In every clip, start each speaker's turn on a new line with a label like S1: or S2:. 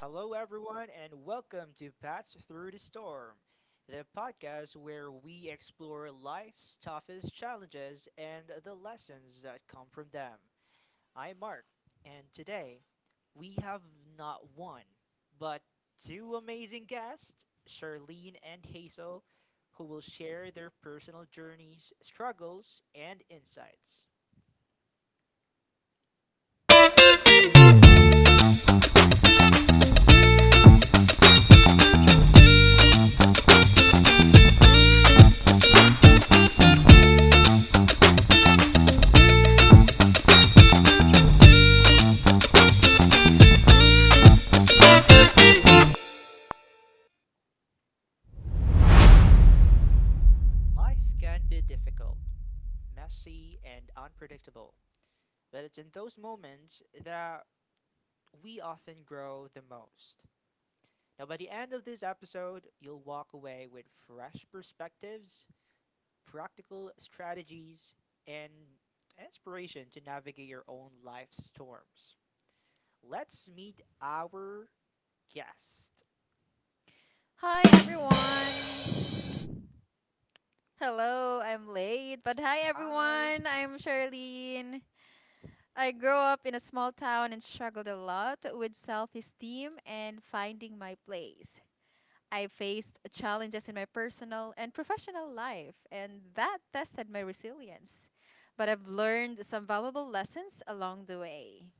S1: Hello, everyone, and welcome to Pass Through the Storm, the podcast where we explore life's toughest challenges and the lessons that come from them. I'm Mark, and today we have not one, but two amazing guests, Charlene and Hazel, who will share their personal journeys, struggles, and insights. Life can be difficult, messy, and unpredictable. But it's in those moments that we often grow the most. Now, by the end of this episode, you'll walk away with fresh perspectives, practical strategies, and inspiration to navigate your own life storms. Let's meet our guest.
S2: Hi everyone. Hello, I'm late, but hi
S1: Hi,
S2: everyone. I'm Charlene. I grew up in a small town and struggled a lot with self-esteem and finding my place. I faced challenges in my personal and professional life, and that tested my resilience. But I've learned some valuable lessons along the way.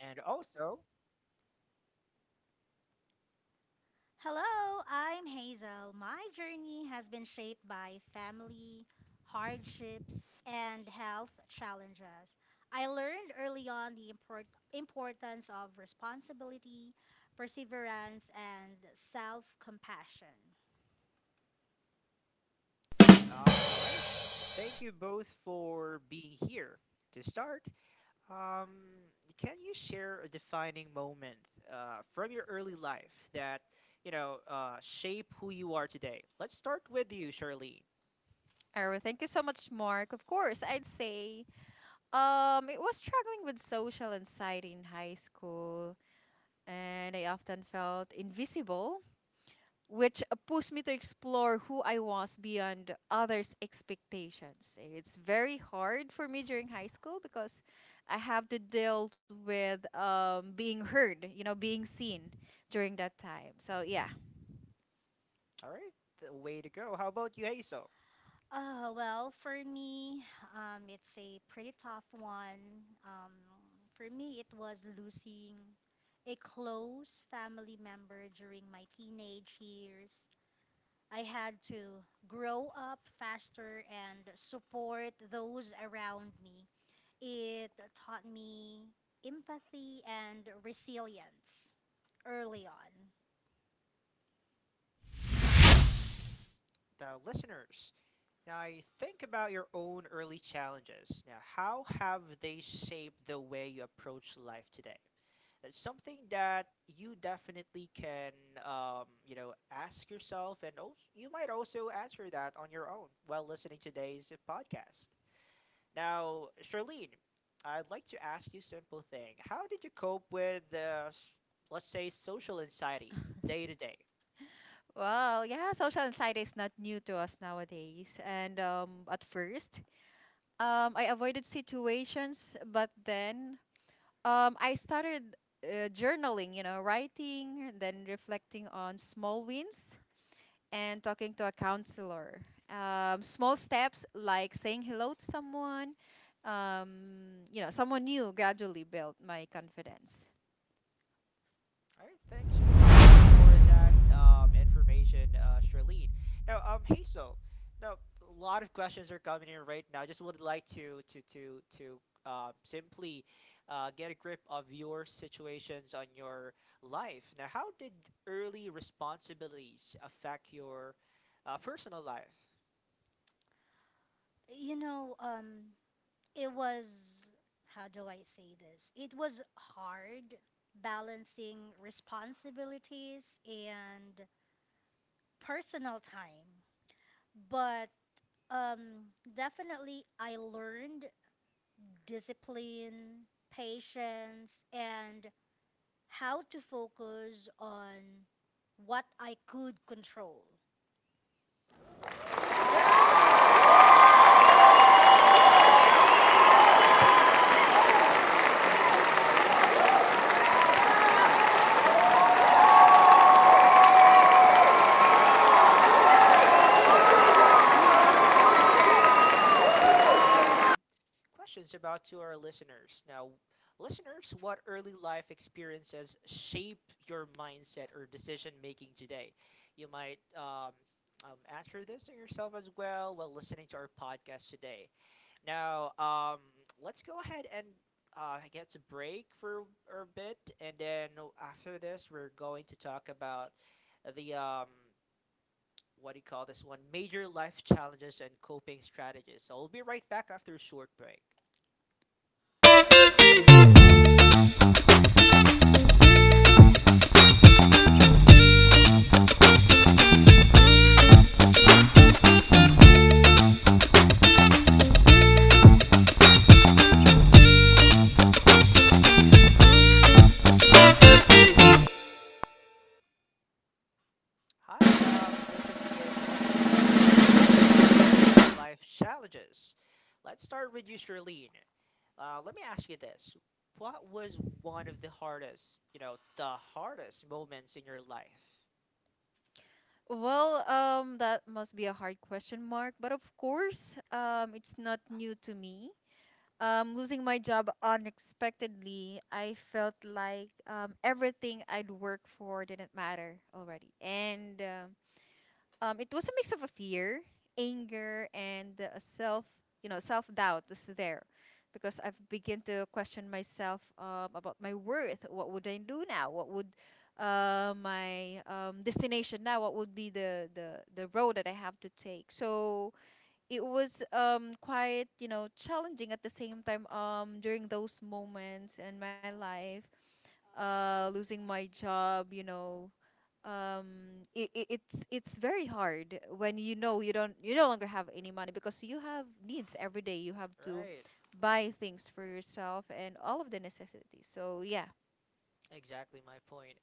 S1: and also,
S3: Hello, I'm Hazel. My journey has been shaped by family, hardships, and health challenges. I learned early on the importance of responsibility, perseverance, and self compassion.
S1: all right, thank you both for being here. To start, Um, can you share a defining moment from your early life that, shape who you are today? Let's start with you, Charlene.
S2: Errol, thank you so much, Mark. Of course, I'd say it was struggling with social anxiety in high school. And I often felt invisible, which pushed me to explore who I was beyond others' expectations. And it's very hard for me during high school because I have to deal with being heard, being seen during that time. So, yeah.
S1: All right, the way to go. How about you, Hazel?
S3: Oh, well, for me, it's a pretty tough one. For me, it was losing a close family member during my teenage years. I had to grow up faster and support those around me. It taught me empathy and resilience early on.
S1: The listeners. Now, I think about your own early challenges. Now, how have they shaped the way you approach life today? Something that you definitely can ask yourself, and also, you might also answer that on your own while listening to today's podcast now. Charlene, I'd like to ask you a simple thing. How did you cope with let's say social anxiety day to day?
S2: Well, yeah, social anxiety is not new to us nowadays. And at first, I avoided situations, but then I started journaling, you know, writing, and then reflecting on small wins and talking to a counselor. Small steps like saying hello to someone, someone new gradually built my confidence.
S1: All right, thanks you for that information, Charlene. Now, Hazel, now a lot of questions are coming in right now. I just would like to simply get a grip of your situations on your life. Now, how did early responsibilities affect your personal life?
S3: You know, um, it was, how do I say this? It was hard balancing responsibilities and personal time. But um, definitely, I learned discipline, patience, and how to focus on what I could control.
S1: Great. Great, great indeed, Hazel. Thank you so much for um, imparting us with that kind of you know insights of yours. Now, let's go ahead and send some questions about to our listeners. Now, listeners, what early life experiences shape your mindset or decision making today? You might answer this to yourself as well while listening to our podcast today. Now, let's go ahead and get a break for a bit, and then after this, we're going to talk about the, what do you call this one, major life challenges and coping strategies. So we'll be right back after a short break. Hi, this is again Mark, and now let's talk about major life challenges. Let's start with you, Charlene. Let me ask you this: what was one of the hardest moments in your life?
S2: Well, that must be a hard question, Mark. But of course, it's not new to me. Losing my job unexpectedly, I felt like everything I'd worked for didn't matter already. And it was a mix of a fear, anger, and a self, you know, self-doubt was there because I've begun to question myself about my worth. What would I do now? What would my destination now? What would be the road that I have to take? So it was quite, you know, challenging at the same time, during those moments in my life, losing my job, you know. It's very hard when, you know, you don't, you no longer have any money because you have needs every day. You have to
S1: Right.
S2: buy things for yourself and all of the necessities. So, yeah.
S1: Exactly my point.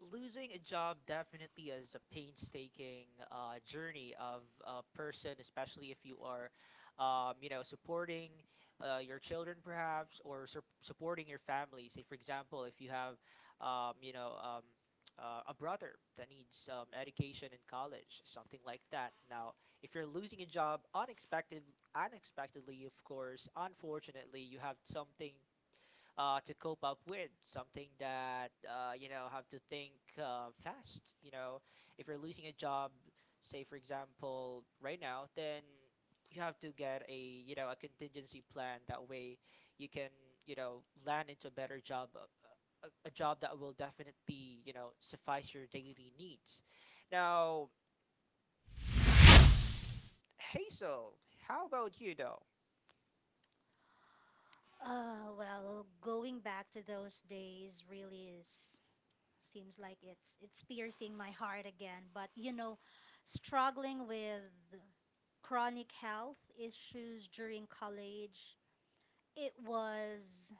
S1: Losing a job definitely is a painstaking journey of a person, especially if you are, supporting your children perhaps, or supporting your family. Say, for example, if you have, um, you know, um, a brother that needs education in college, something like that. Now, if you're losing a job unexpectedly, of course, unfortunately, you have something to cope up with, something that have to think, fast. If you're losing a job, say, for example, right now, then you have to get a you know a contingency plan, that way you can, land into a better job, a job that will definitely, suffice your daily needs. Now, Hazel, how about you though?
S3: Well, going back to those days really is seems like it's piercing my heart again. But you know, struggling with chronic health issues during college, it was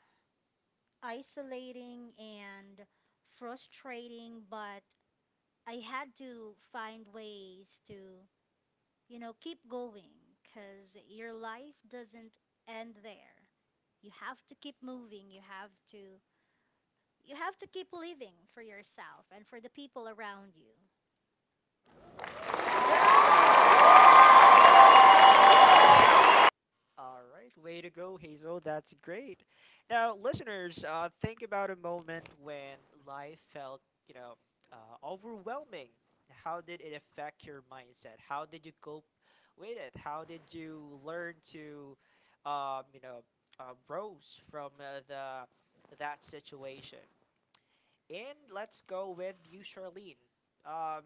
S3: isolating and frustrating, but I had to find ways to, you know, keep going because your life doesn't end there. You have to keep moving. You have to keep living for yourself and for the people around you.
S1: All right, way to go, Hazel. That's great. Now, listeners, think about a moment when life felt, you know, overwhelming. How did it affect your mindset? How did you cope with it? How did you learn to, um, you know, rose from the that situation? And let's go with you, Charlene. Um,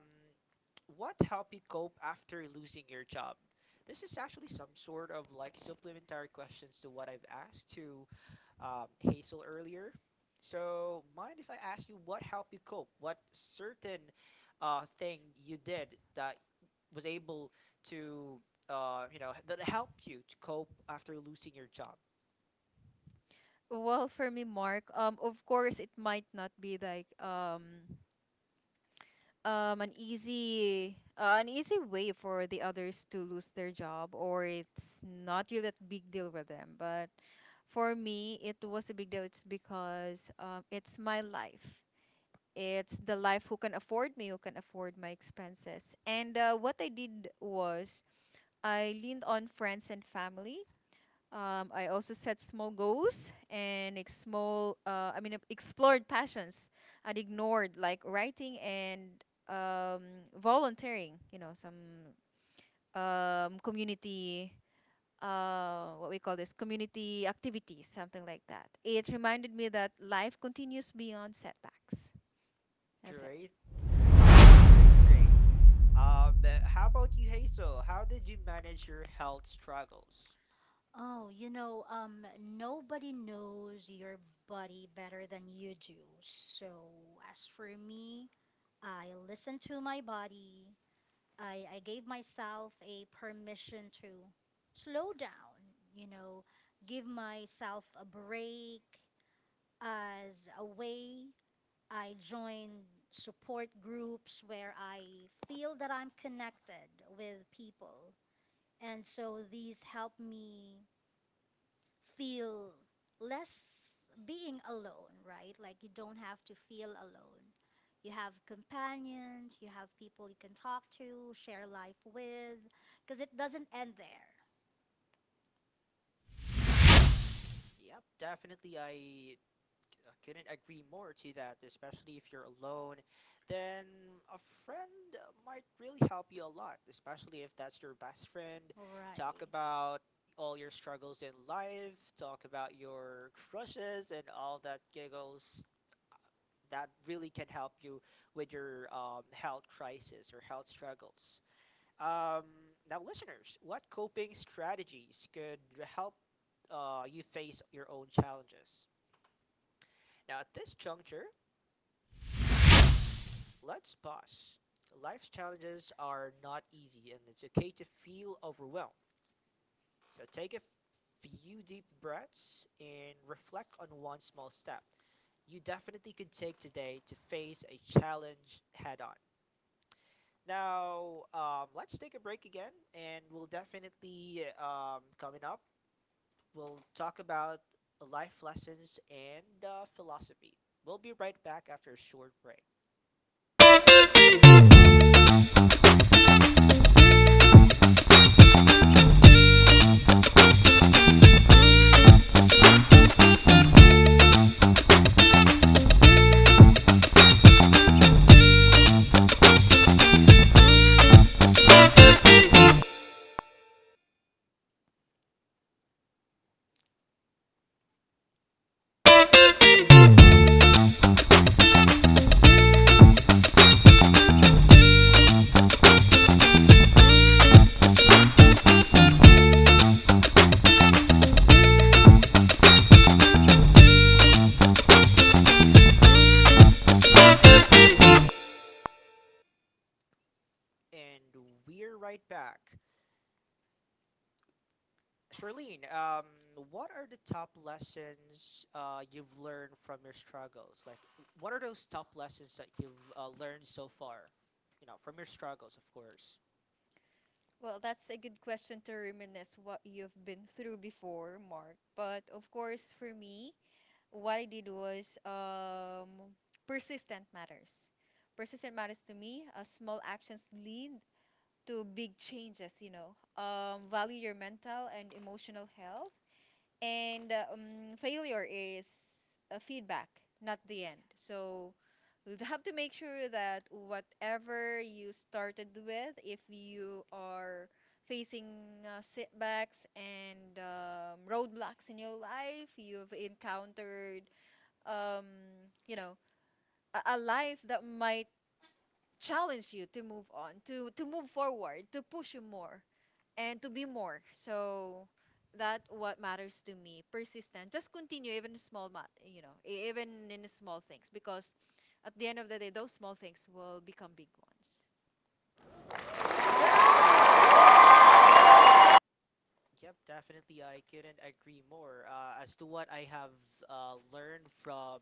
S1: what helped you cope after losing your job? This is actually some sort of like supplementary questions to what I've asked to Hazel earlier. So, mind if I ask you what helped you cope? What certain thing you did that was able to, that helped you to cope after losing your job?
S2: Well, for me, Mark, of course, it might not be like an easy way for the others to lose their job, or it's not really that big deal with them, but for me it was a big deal. It's because, it's my life. It's the life who can afford me, who can afford my expenses. And what I did was I leaned on friends and family. I also set small goals and explored passions I'd ignored, like writing and um, volunteering, you know, some um, community, what we call this, community activities, something like that. It reminded me that life continues beyond setbacks.
S1: Great,
S2: That's it.
S1: great, great, great, great. Um, uh, how about you, Hazel? How did you manage your health struggles?
S3: Oh, you know, nobody knows your body better than you do. So as for me, I listen to my body. I gave myself a permission to slow down, you know, give myself a break as a way. I joined support groups where I feel that I'm connected with people. And so these help me feel less being alone, right? Like you don't have to feel alone. You have companions, you have people you can talk to, share life with, because it doesn't end there,
S1: Yep, definitely. I couldn't agree more to that, especially if you're alone. Then a friend might really help you a lot, especially if that's your best friend.
S3: right?
S1: Talk about all your struggles in life, talk about your crushes and all that giggles. That really can help you with your health crisis or health struggles. Um, now, listeners, what coping strategies could help you face your own challenges? Now, at this juncture, let's pause. Life's challenges are not easy, and it's okay to feel overwhelmed. So, take a few deep breaths and reflect on one small step you definitely could take today to face a challenge head on. Now, let's take a break again, and we'll definitely, coming up, we'll talk about life lessons and, philosophy. We'll be right back after a short break. And we're right back. Charlene, what are the top lessons you've learned from your struggles? Like, what are those top lessons that you've learned so far? From your struggles, of course.
S2: Well, that's a good question to reminisce what you've been through before, Mark. But of course, for me, what I did was, persistent matters. Persistent matters to me. Small actions lead to big changes. You know, value your mental and emotional health. And failure is a feedback, not the end. So you have to make sure that whatever you started with, if you are facing setbacks and roadblocks in your life, you've encountered um, you know, a life that might challenge you to move on, to move forward, to push you more, and to be more. So that what matters to me. Persistent. Just continue even in small you know, even in small things, because at the end of the day, those small things will become big ones.
S1: Yep, definitely. I couldn't agree more. As to what I have learned from,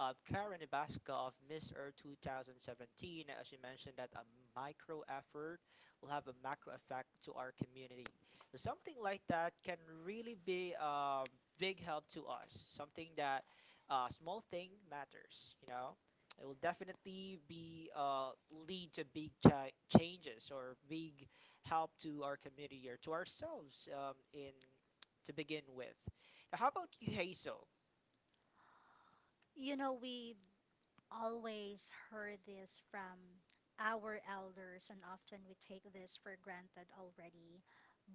S1: Karen Ibaska of Miss Earth 2017, she mentioned that a micro effort will have a macro effect to our community. So something like that can really be a big help to us. Something that, small thing matters. It will definitely be, lead to big changes, or big help to our community, or to ourselves, in, to begin with. Now, how about you, Hazel?
S3: You know, we have always heard this from our elders, and often we take this for granted already.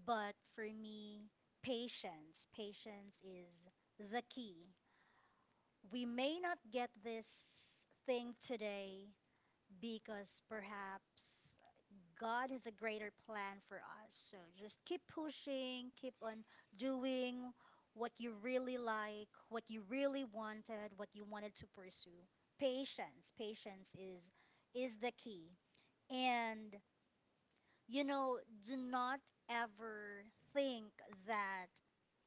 S3: But for me, patience, patience is the key. We may not get this thing today because perhaps God has a greater plan for us. So just keep pushing, keep on doing what you really like, what you really wanted, what you wanted to pursue. Patience, patience is the key. And you know, do not ever think that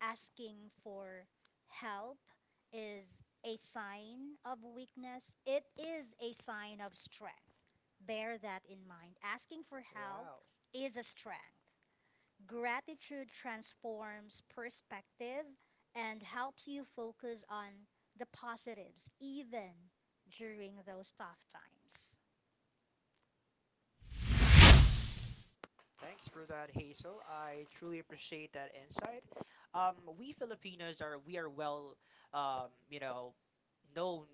S3: asking for help is a sign of weakness. It is a sign of strength. Bear that in mind. Asking for help
S1: Wow.
S3: is a strength. Gratitude transforms perspective and helps you focus on the positives even during those tough times.
S1: Thanks for that, Hazel. I truly appreciate that insight. We Filipinos are we are, well, um, you know, known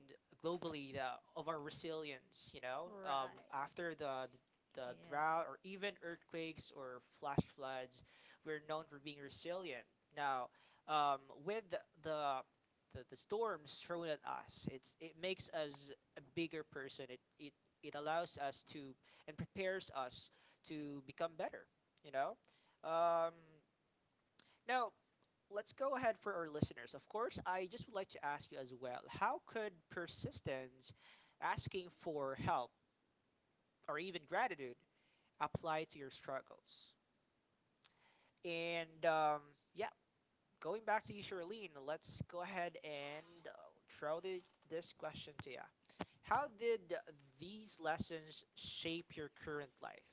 S1: globally, of our resilience. You know, um,
S3: Right.
S1: after the, the drought, or
S2: Yeah.
S1: even earthquakes or flash floods, we're known for being resilient. Now, um, with the storms thrown at us, it makes us a bigger person. It allows us to, and prepares us, to become better, you know? Um, now, let's go ahead for our listeners. Of course, I just would like to ask you as well, how could persistence, asking for help, or even gratitude apply to your struggles? And, yeah, going back to you, Charlene, let's go ahead and throw this question to you. How did these lessons shape your current life,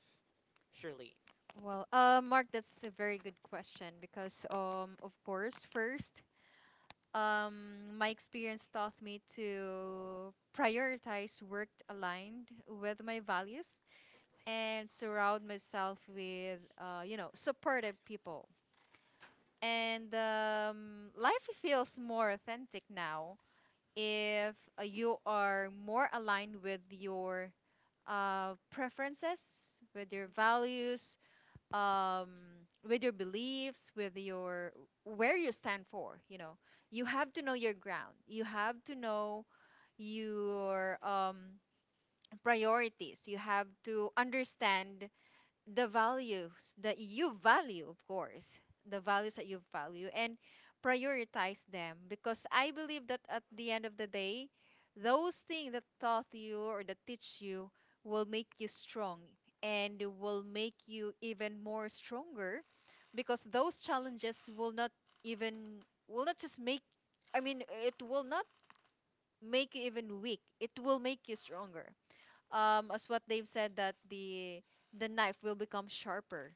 S1: Charlene?
S2: Well, Mark, that's a very good question because, of course, first, my experience taught me to prioritize work aligned with my values and surround myself with, you know, supportive people. And life feels more authentic now if you are more aligned with your preferences, with your values, um with your beliefs, with your where you stand for, you know, you have to know your ground. You have to know your priorities. You have to understand the values that you value, of course, the values that you value, and prioritize them, because I believe that at the end of the day, those things that taught you or that teach you will make you strong and will make you even more stronger, because those challenges will not even will not just make I mean, it will not make you even weak. It will make you stronger, as what they've said, that the knife will become sharper,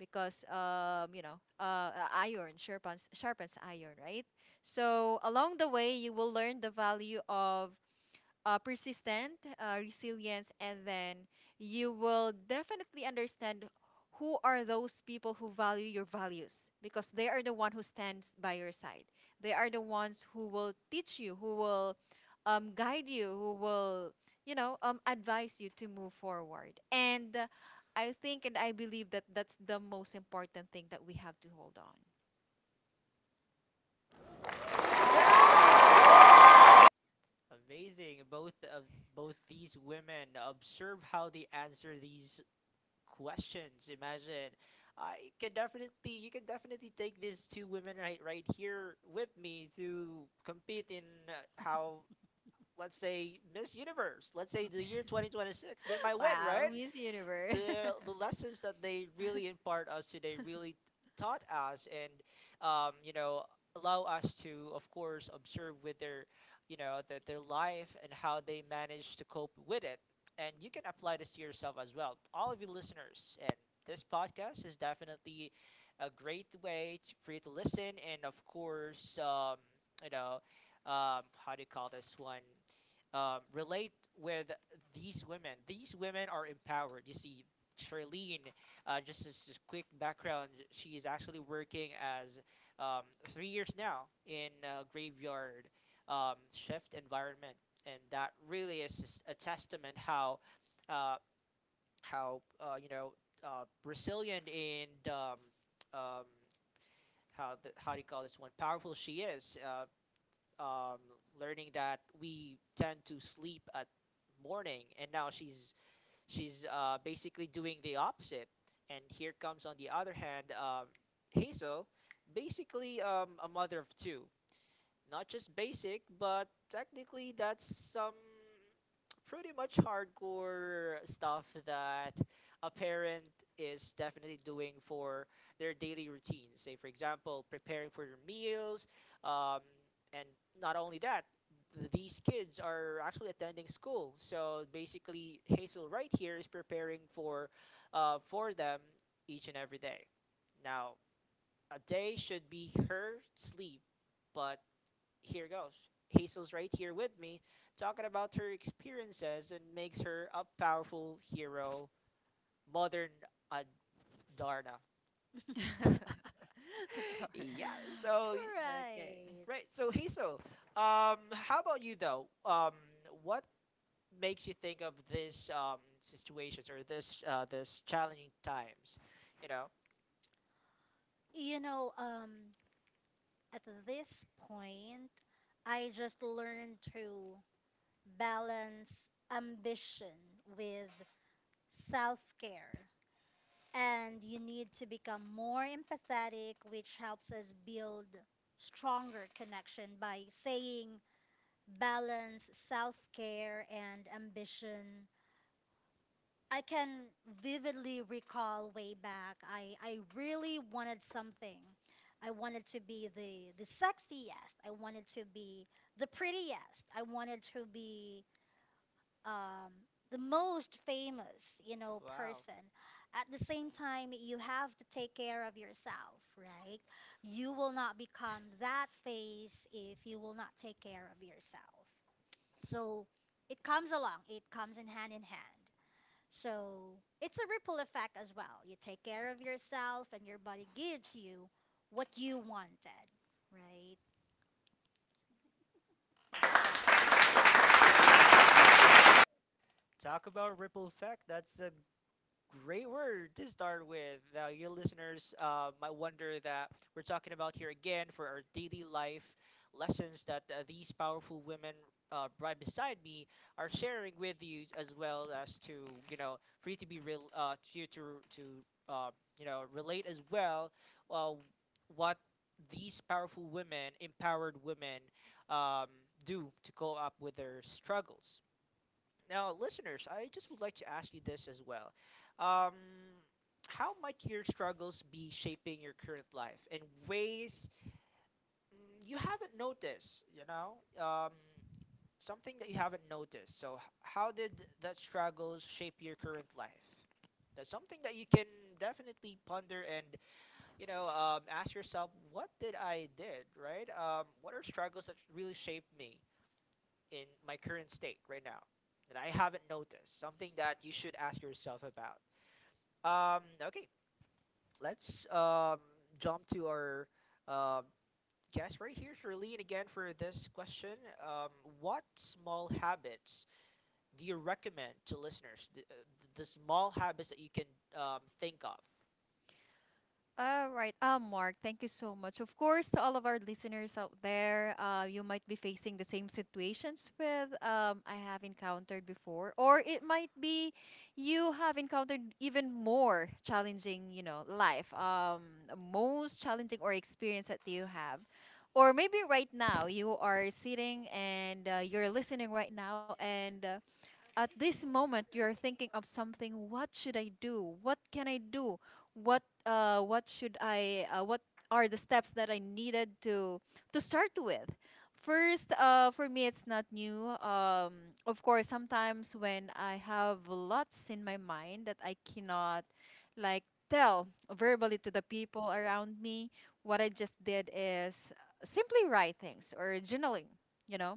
S2: because, you know, iron sharpens iron, right? So along the way, you will learn the value of persistent, resilience, and then you will definitely understand who are those people who value your values, because they are the one who stands by your side. They are the ones who will teach you, who will guide you, who will, you know, advise you to move forward. And I think and I believe that that's the most important thing that we have to hold on.
S1: Amazing. Both of both these women, observe how they answer these questions. Imagine. I can definitely You can definitely take these two women right here with me to compete in, how let's say, Miss Universe, let's say the year 2026, they might win,
S2: Wow,
S1: right?
S2: Miss Universe.
S1: The lessons that they really impart us today really taught us, and um, you know allow us to, of course, observe with their, their life, and how they manage to cope with it, and you can apply this to yourself as well, all of you listeners, and this podcast is definitely a great way for you to listen, and of course, you know how do you call this one, relate with these women. These women are empowered. You see, Charlene, just as quick background, she is actually working as, um, 3 years now in a graveyard, shift environment, and that really is just a testament, how uh, how uh, you know resilient, and, um, how how do you call this one, powerful she is. Um, learning that we tend to sleep at morning, and now she's basically doing the opposite. And here comes, on the other hand, Hazel, basically, a mother of two, not just basic, but technically that's some pretty much hardcore stuff that a parent is definitely doing for their daily routine. Say, for example, preparing for their meals, um, and not only that, these kids are actually attending school. So basically, Hazel right here is preparing for them each and every day. Now, a day should be her sleep, but here goes. Hazel's right here with me, talking about her experiences, and makes her a powerful hero, modern Adarna.
S2: Torna.
S1: Yeah. So
S2: Okay.
S3: Right.
S1: right. So Hazel, how about you though? What makes you think of these situations, or this challenging times? You know.
S3: You know, at this point, I just learned to balance ambition with self care. And you need to become more empathetic, which helps us build stronger connection by saying balance self care and ambition. I can vividly recall way back. I really wanted something. I wanted to be the sexiest. I wanted to be the prettiest. I wanted to be um, the most famous, you know,
S1: Wow.
S3: person. At the same time, you have to take care of yourself, right? You will not become that face if you will not take care of yourself. So it comes along, it comes in hand in hand. So it's a ripple effect as well. You take care of yourself, and your body gives you what you wanted, right?
S1: Talk about ripple effect. That's a great word to start with. Now, you listeners might wonder that we're talking about here again for our daily life lessons that these powerful women right beside me are sharing with you, as well as to, for you to be real, to you, to uh, relate as well. Uh, what these powerful women, empowered women, um, do to go up with their struggles. Now, listeners, I just would like to ask you this as well. Um, how might your struggles be shaping your current life in ways, you haven't noticed, you know? Um, something that you haven't noticed. So, how did that struggles shape your current life? That's something that you can definitely ponder and, ask yourself, what did I did, right? What are struggles that really shaped me in my current state right now that I haven't noticed? Something that you should ask yourself about. Okay, let's, jump to our, uh, guest right here, Charlene, again for this question. Um, what small habits do you recommend to listeners? The small habits that you can, think of.
S2: All right. Mark, thank you so much. Of course, to all of our listeners out there, you might be facing the same situations with I have encountered before, or it might be you have encountered even more challenging, you know, life, most challenging or experience that you have. Or maybe right now you are sitting and you're listening right now, and at this moment, you're thinking of something. What should I do? What can I do? What should I? What are the steps that I needed to start with? First, for me, it's not new. Of course, sometimes when I have lots in my mind that I cannot, like, tell verbally to the people around me, what I just did is simply write things or journaling. You know,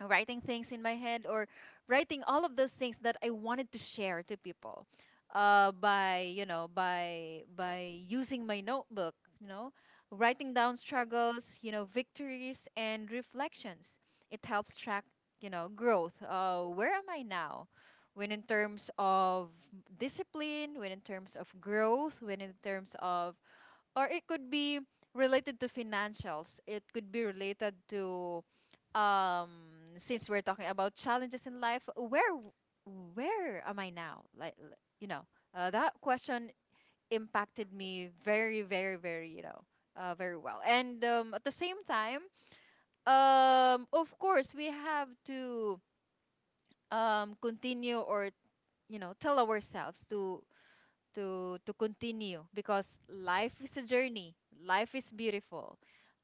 S2: writing things in my head, or writing all of those things that I wanted to share to people by, you know, by using my notebook, you know, writing down struggles, you know, victories and reflections. It helps track, you know, growth. Where am I now when in terms of discipline, when in terms of growth, when in terms of, or it could be related to financials. It could be related to um since we're talking about challenges in life, where am I now? You know, that question impacted me very, you know, very well. And at the same time, of course we have to continue, or, you know, tell ourselves to to continue, because life is a journey. Life is beautiful.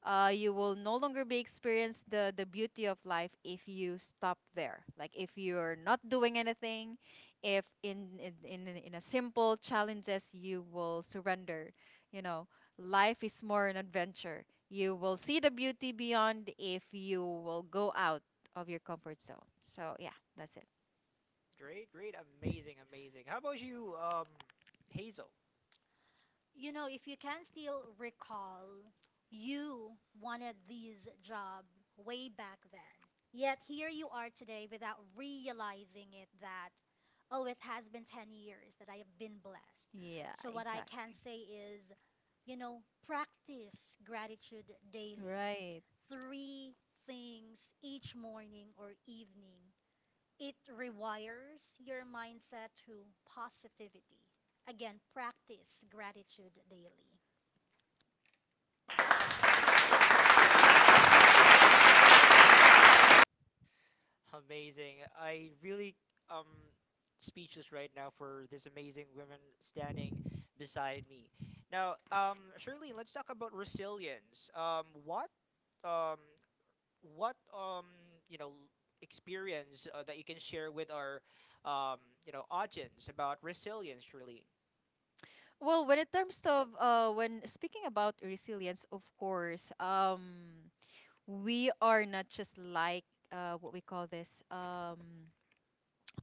S2: Uh, you will no longer be experience the beauty of life if you stop there, like if you're not doing anything, if in a simple challenges you will surrender, you know. Life is more an adventure. You will see the beauty beyond if you will go out of your comfort zone. So, yeah, that's it.
S1: Great, great, amazing, amazing. How about you, Hazel?
S3: You know, if you can still recall, you wanted this job way back then. Yet here you are today without realizing it that, oh, it has been 10 years that I have been blessed.
S2: Yeah,
S3: So what I can
S2: exactly.
S3: say is, you know, practice gratitude daily.
S2: Right.
S3: Three things each morning or evening, it rewires your mindset to positivity. Again, practice gratitude daily.
S1: Amazing. I really, um speechless right now for this amazing woman standing beside me. Now, Shirley, let's talk about resilience. Um what you know experience, that you can share with our, um audience about resilience, Shirley?
S2: Well, when it terms of, when speaking about resilience, of course, we are not just like what we call this,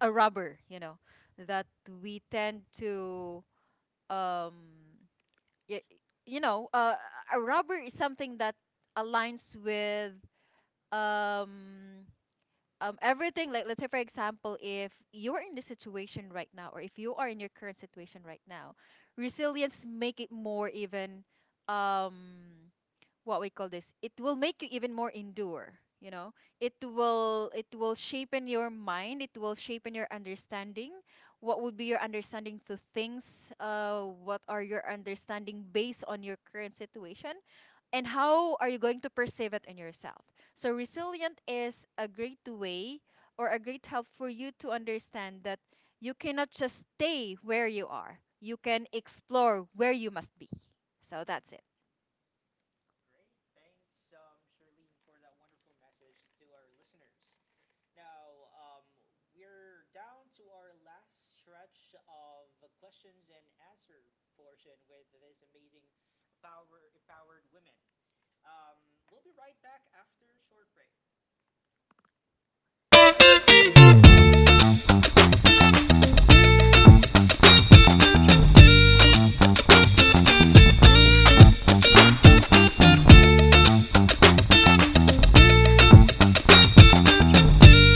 S2: a rubber, you know, that we tend to, um, y- you know, a rubber is something that aligns with um everything. Like, let's say for example, if you are in this situation right now, or if you are in your current situation right now, resilience make it more even, um what we call this, it will make you even more endure, you know. It will shape in your mind, it will shape in your understanding. What would be your understanding to things? Uh, what are your understanding based on your current situation, and how are you going to perceive it in yourself? So resilient is a great way or a great help for you to understand that you cannot just stay where you are. You can explore where you must be. So that's it.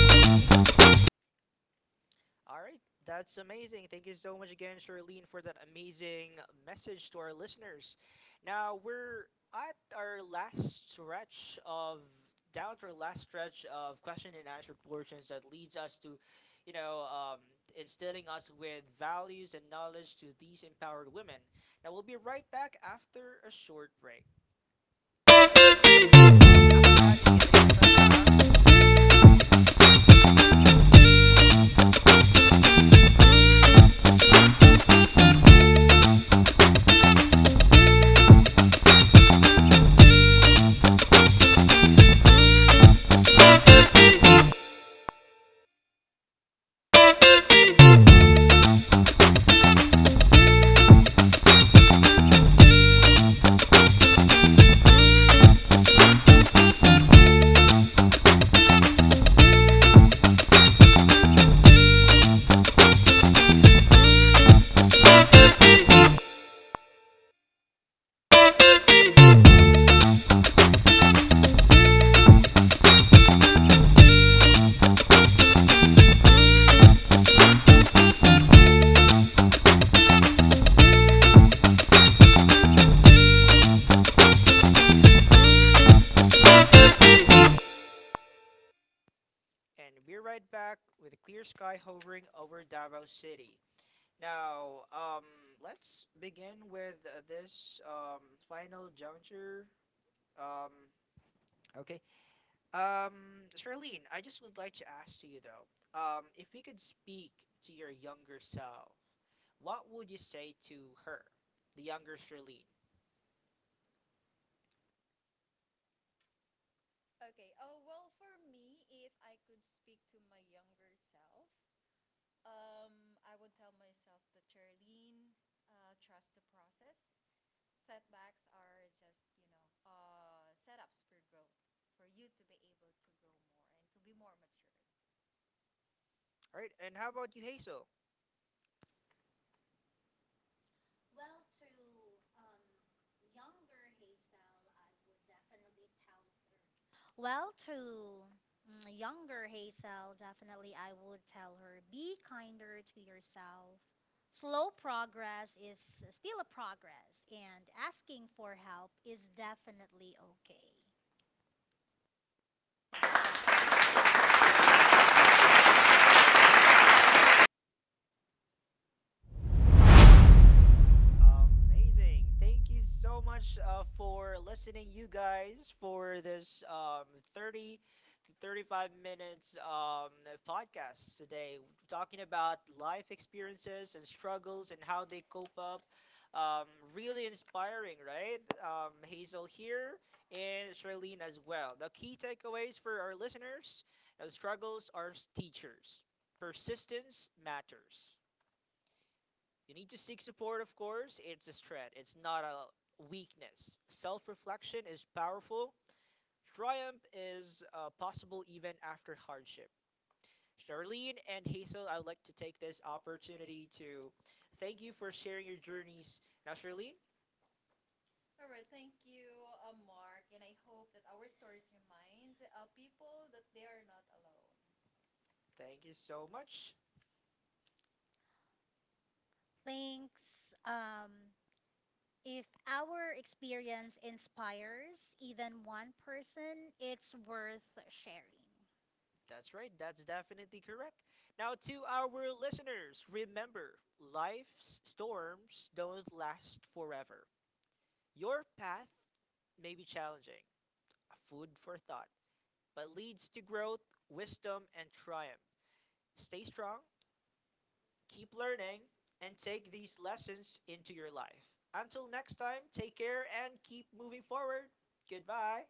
S2: Sige na, sige na.
S1: All right, that's amazing. Thank you so much again, Charlene, for that amazing message to our listeners. Now we're at our last stretch of down to our last stretch of question and answer portions that leads us to, you know, um, instilling us with values and knowledge to these empowered women. Now we'll be right back after a short break. After Anik and Renata Sa, and we're right back with a clear sky hovering over Davao City. Now, let's begin with this, final juncture. Um, okay. Charlene, I just would like to ask you though, if we could speak to your younger self, what would you say to her, the younger Charlene? All right, and how about you, Hazel?
S3: Well, to mm, younger Hazel, definitely I would tell her be kinder to yourself. Slow progress is still a progress, and asking for help is definitely okay.
S1: Amazing. Thank you so much for listening, you guys, for this, 30 to 35 minutes, podcast today, talking about life experiences and struggles, and how they cope up. Um, really inspiring, right? Hazel here and Charlene as well. The key takeaways for our listeners: struggles are teachers, persistence matters. You need to seek support, of course. It's a strength, it's not a weakness. Self reflection is powerful. Triumph is, possible, even after hardship. Charlene and Hazel, I'd like to take this opportunity to thank you for sharing your journeys. Now, Charlene, thank you so much.
S3: Thanks. If our experience inspires even one person, it's worth sharing.
S1: That's right, that's definitely correct. Now, to our listeners, remember: life's storms don't last forever. Your path may be challenging, a food for thought, but leads to growth, wisdom, and triumph. Stay strong, keep learning, and take these lessons into your life. Until next time, take care and keep moving forward. Goodbye.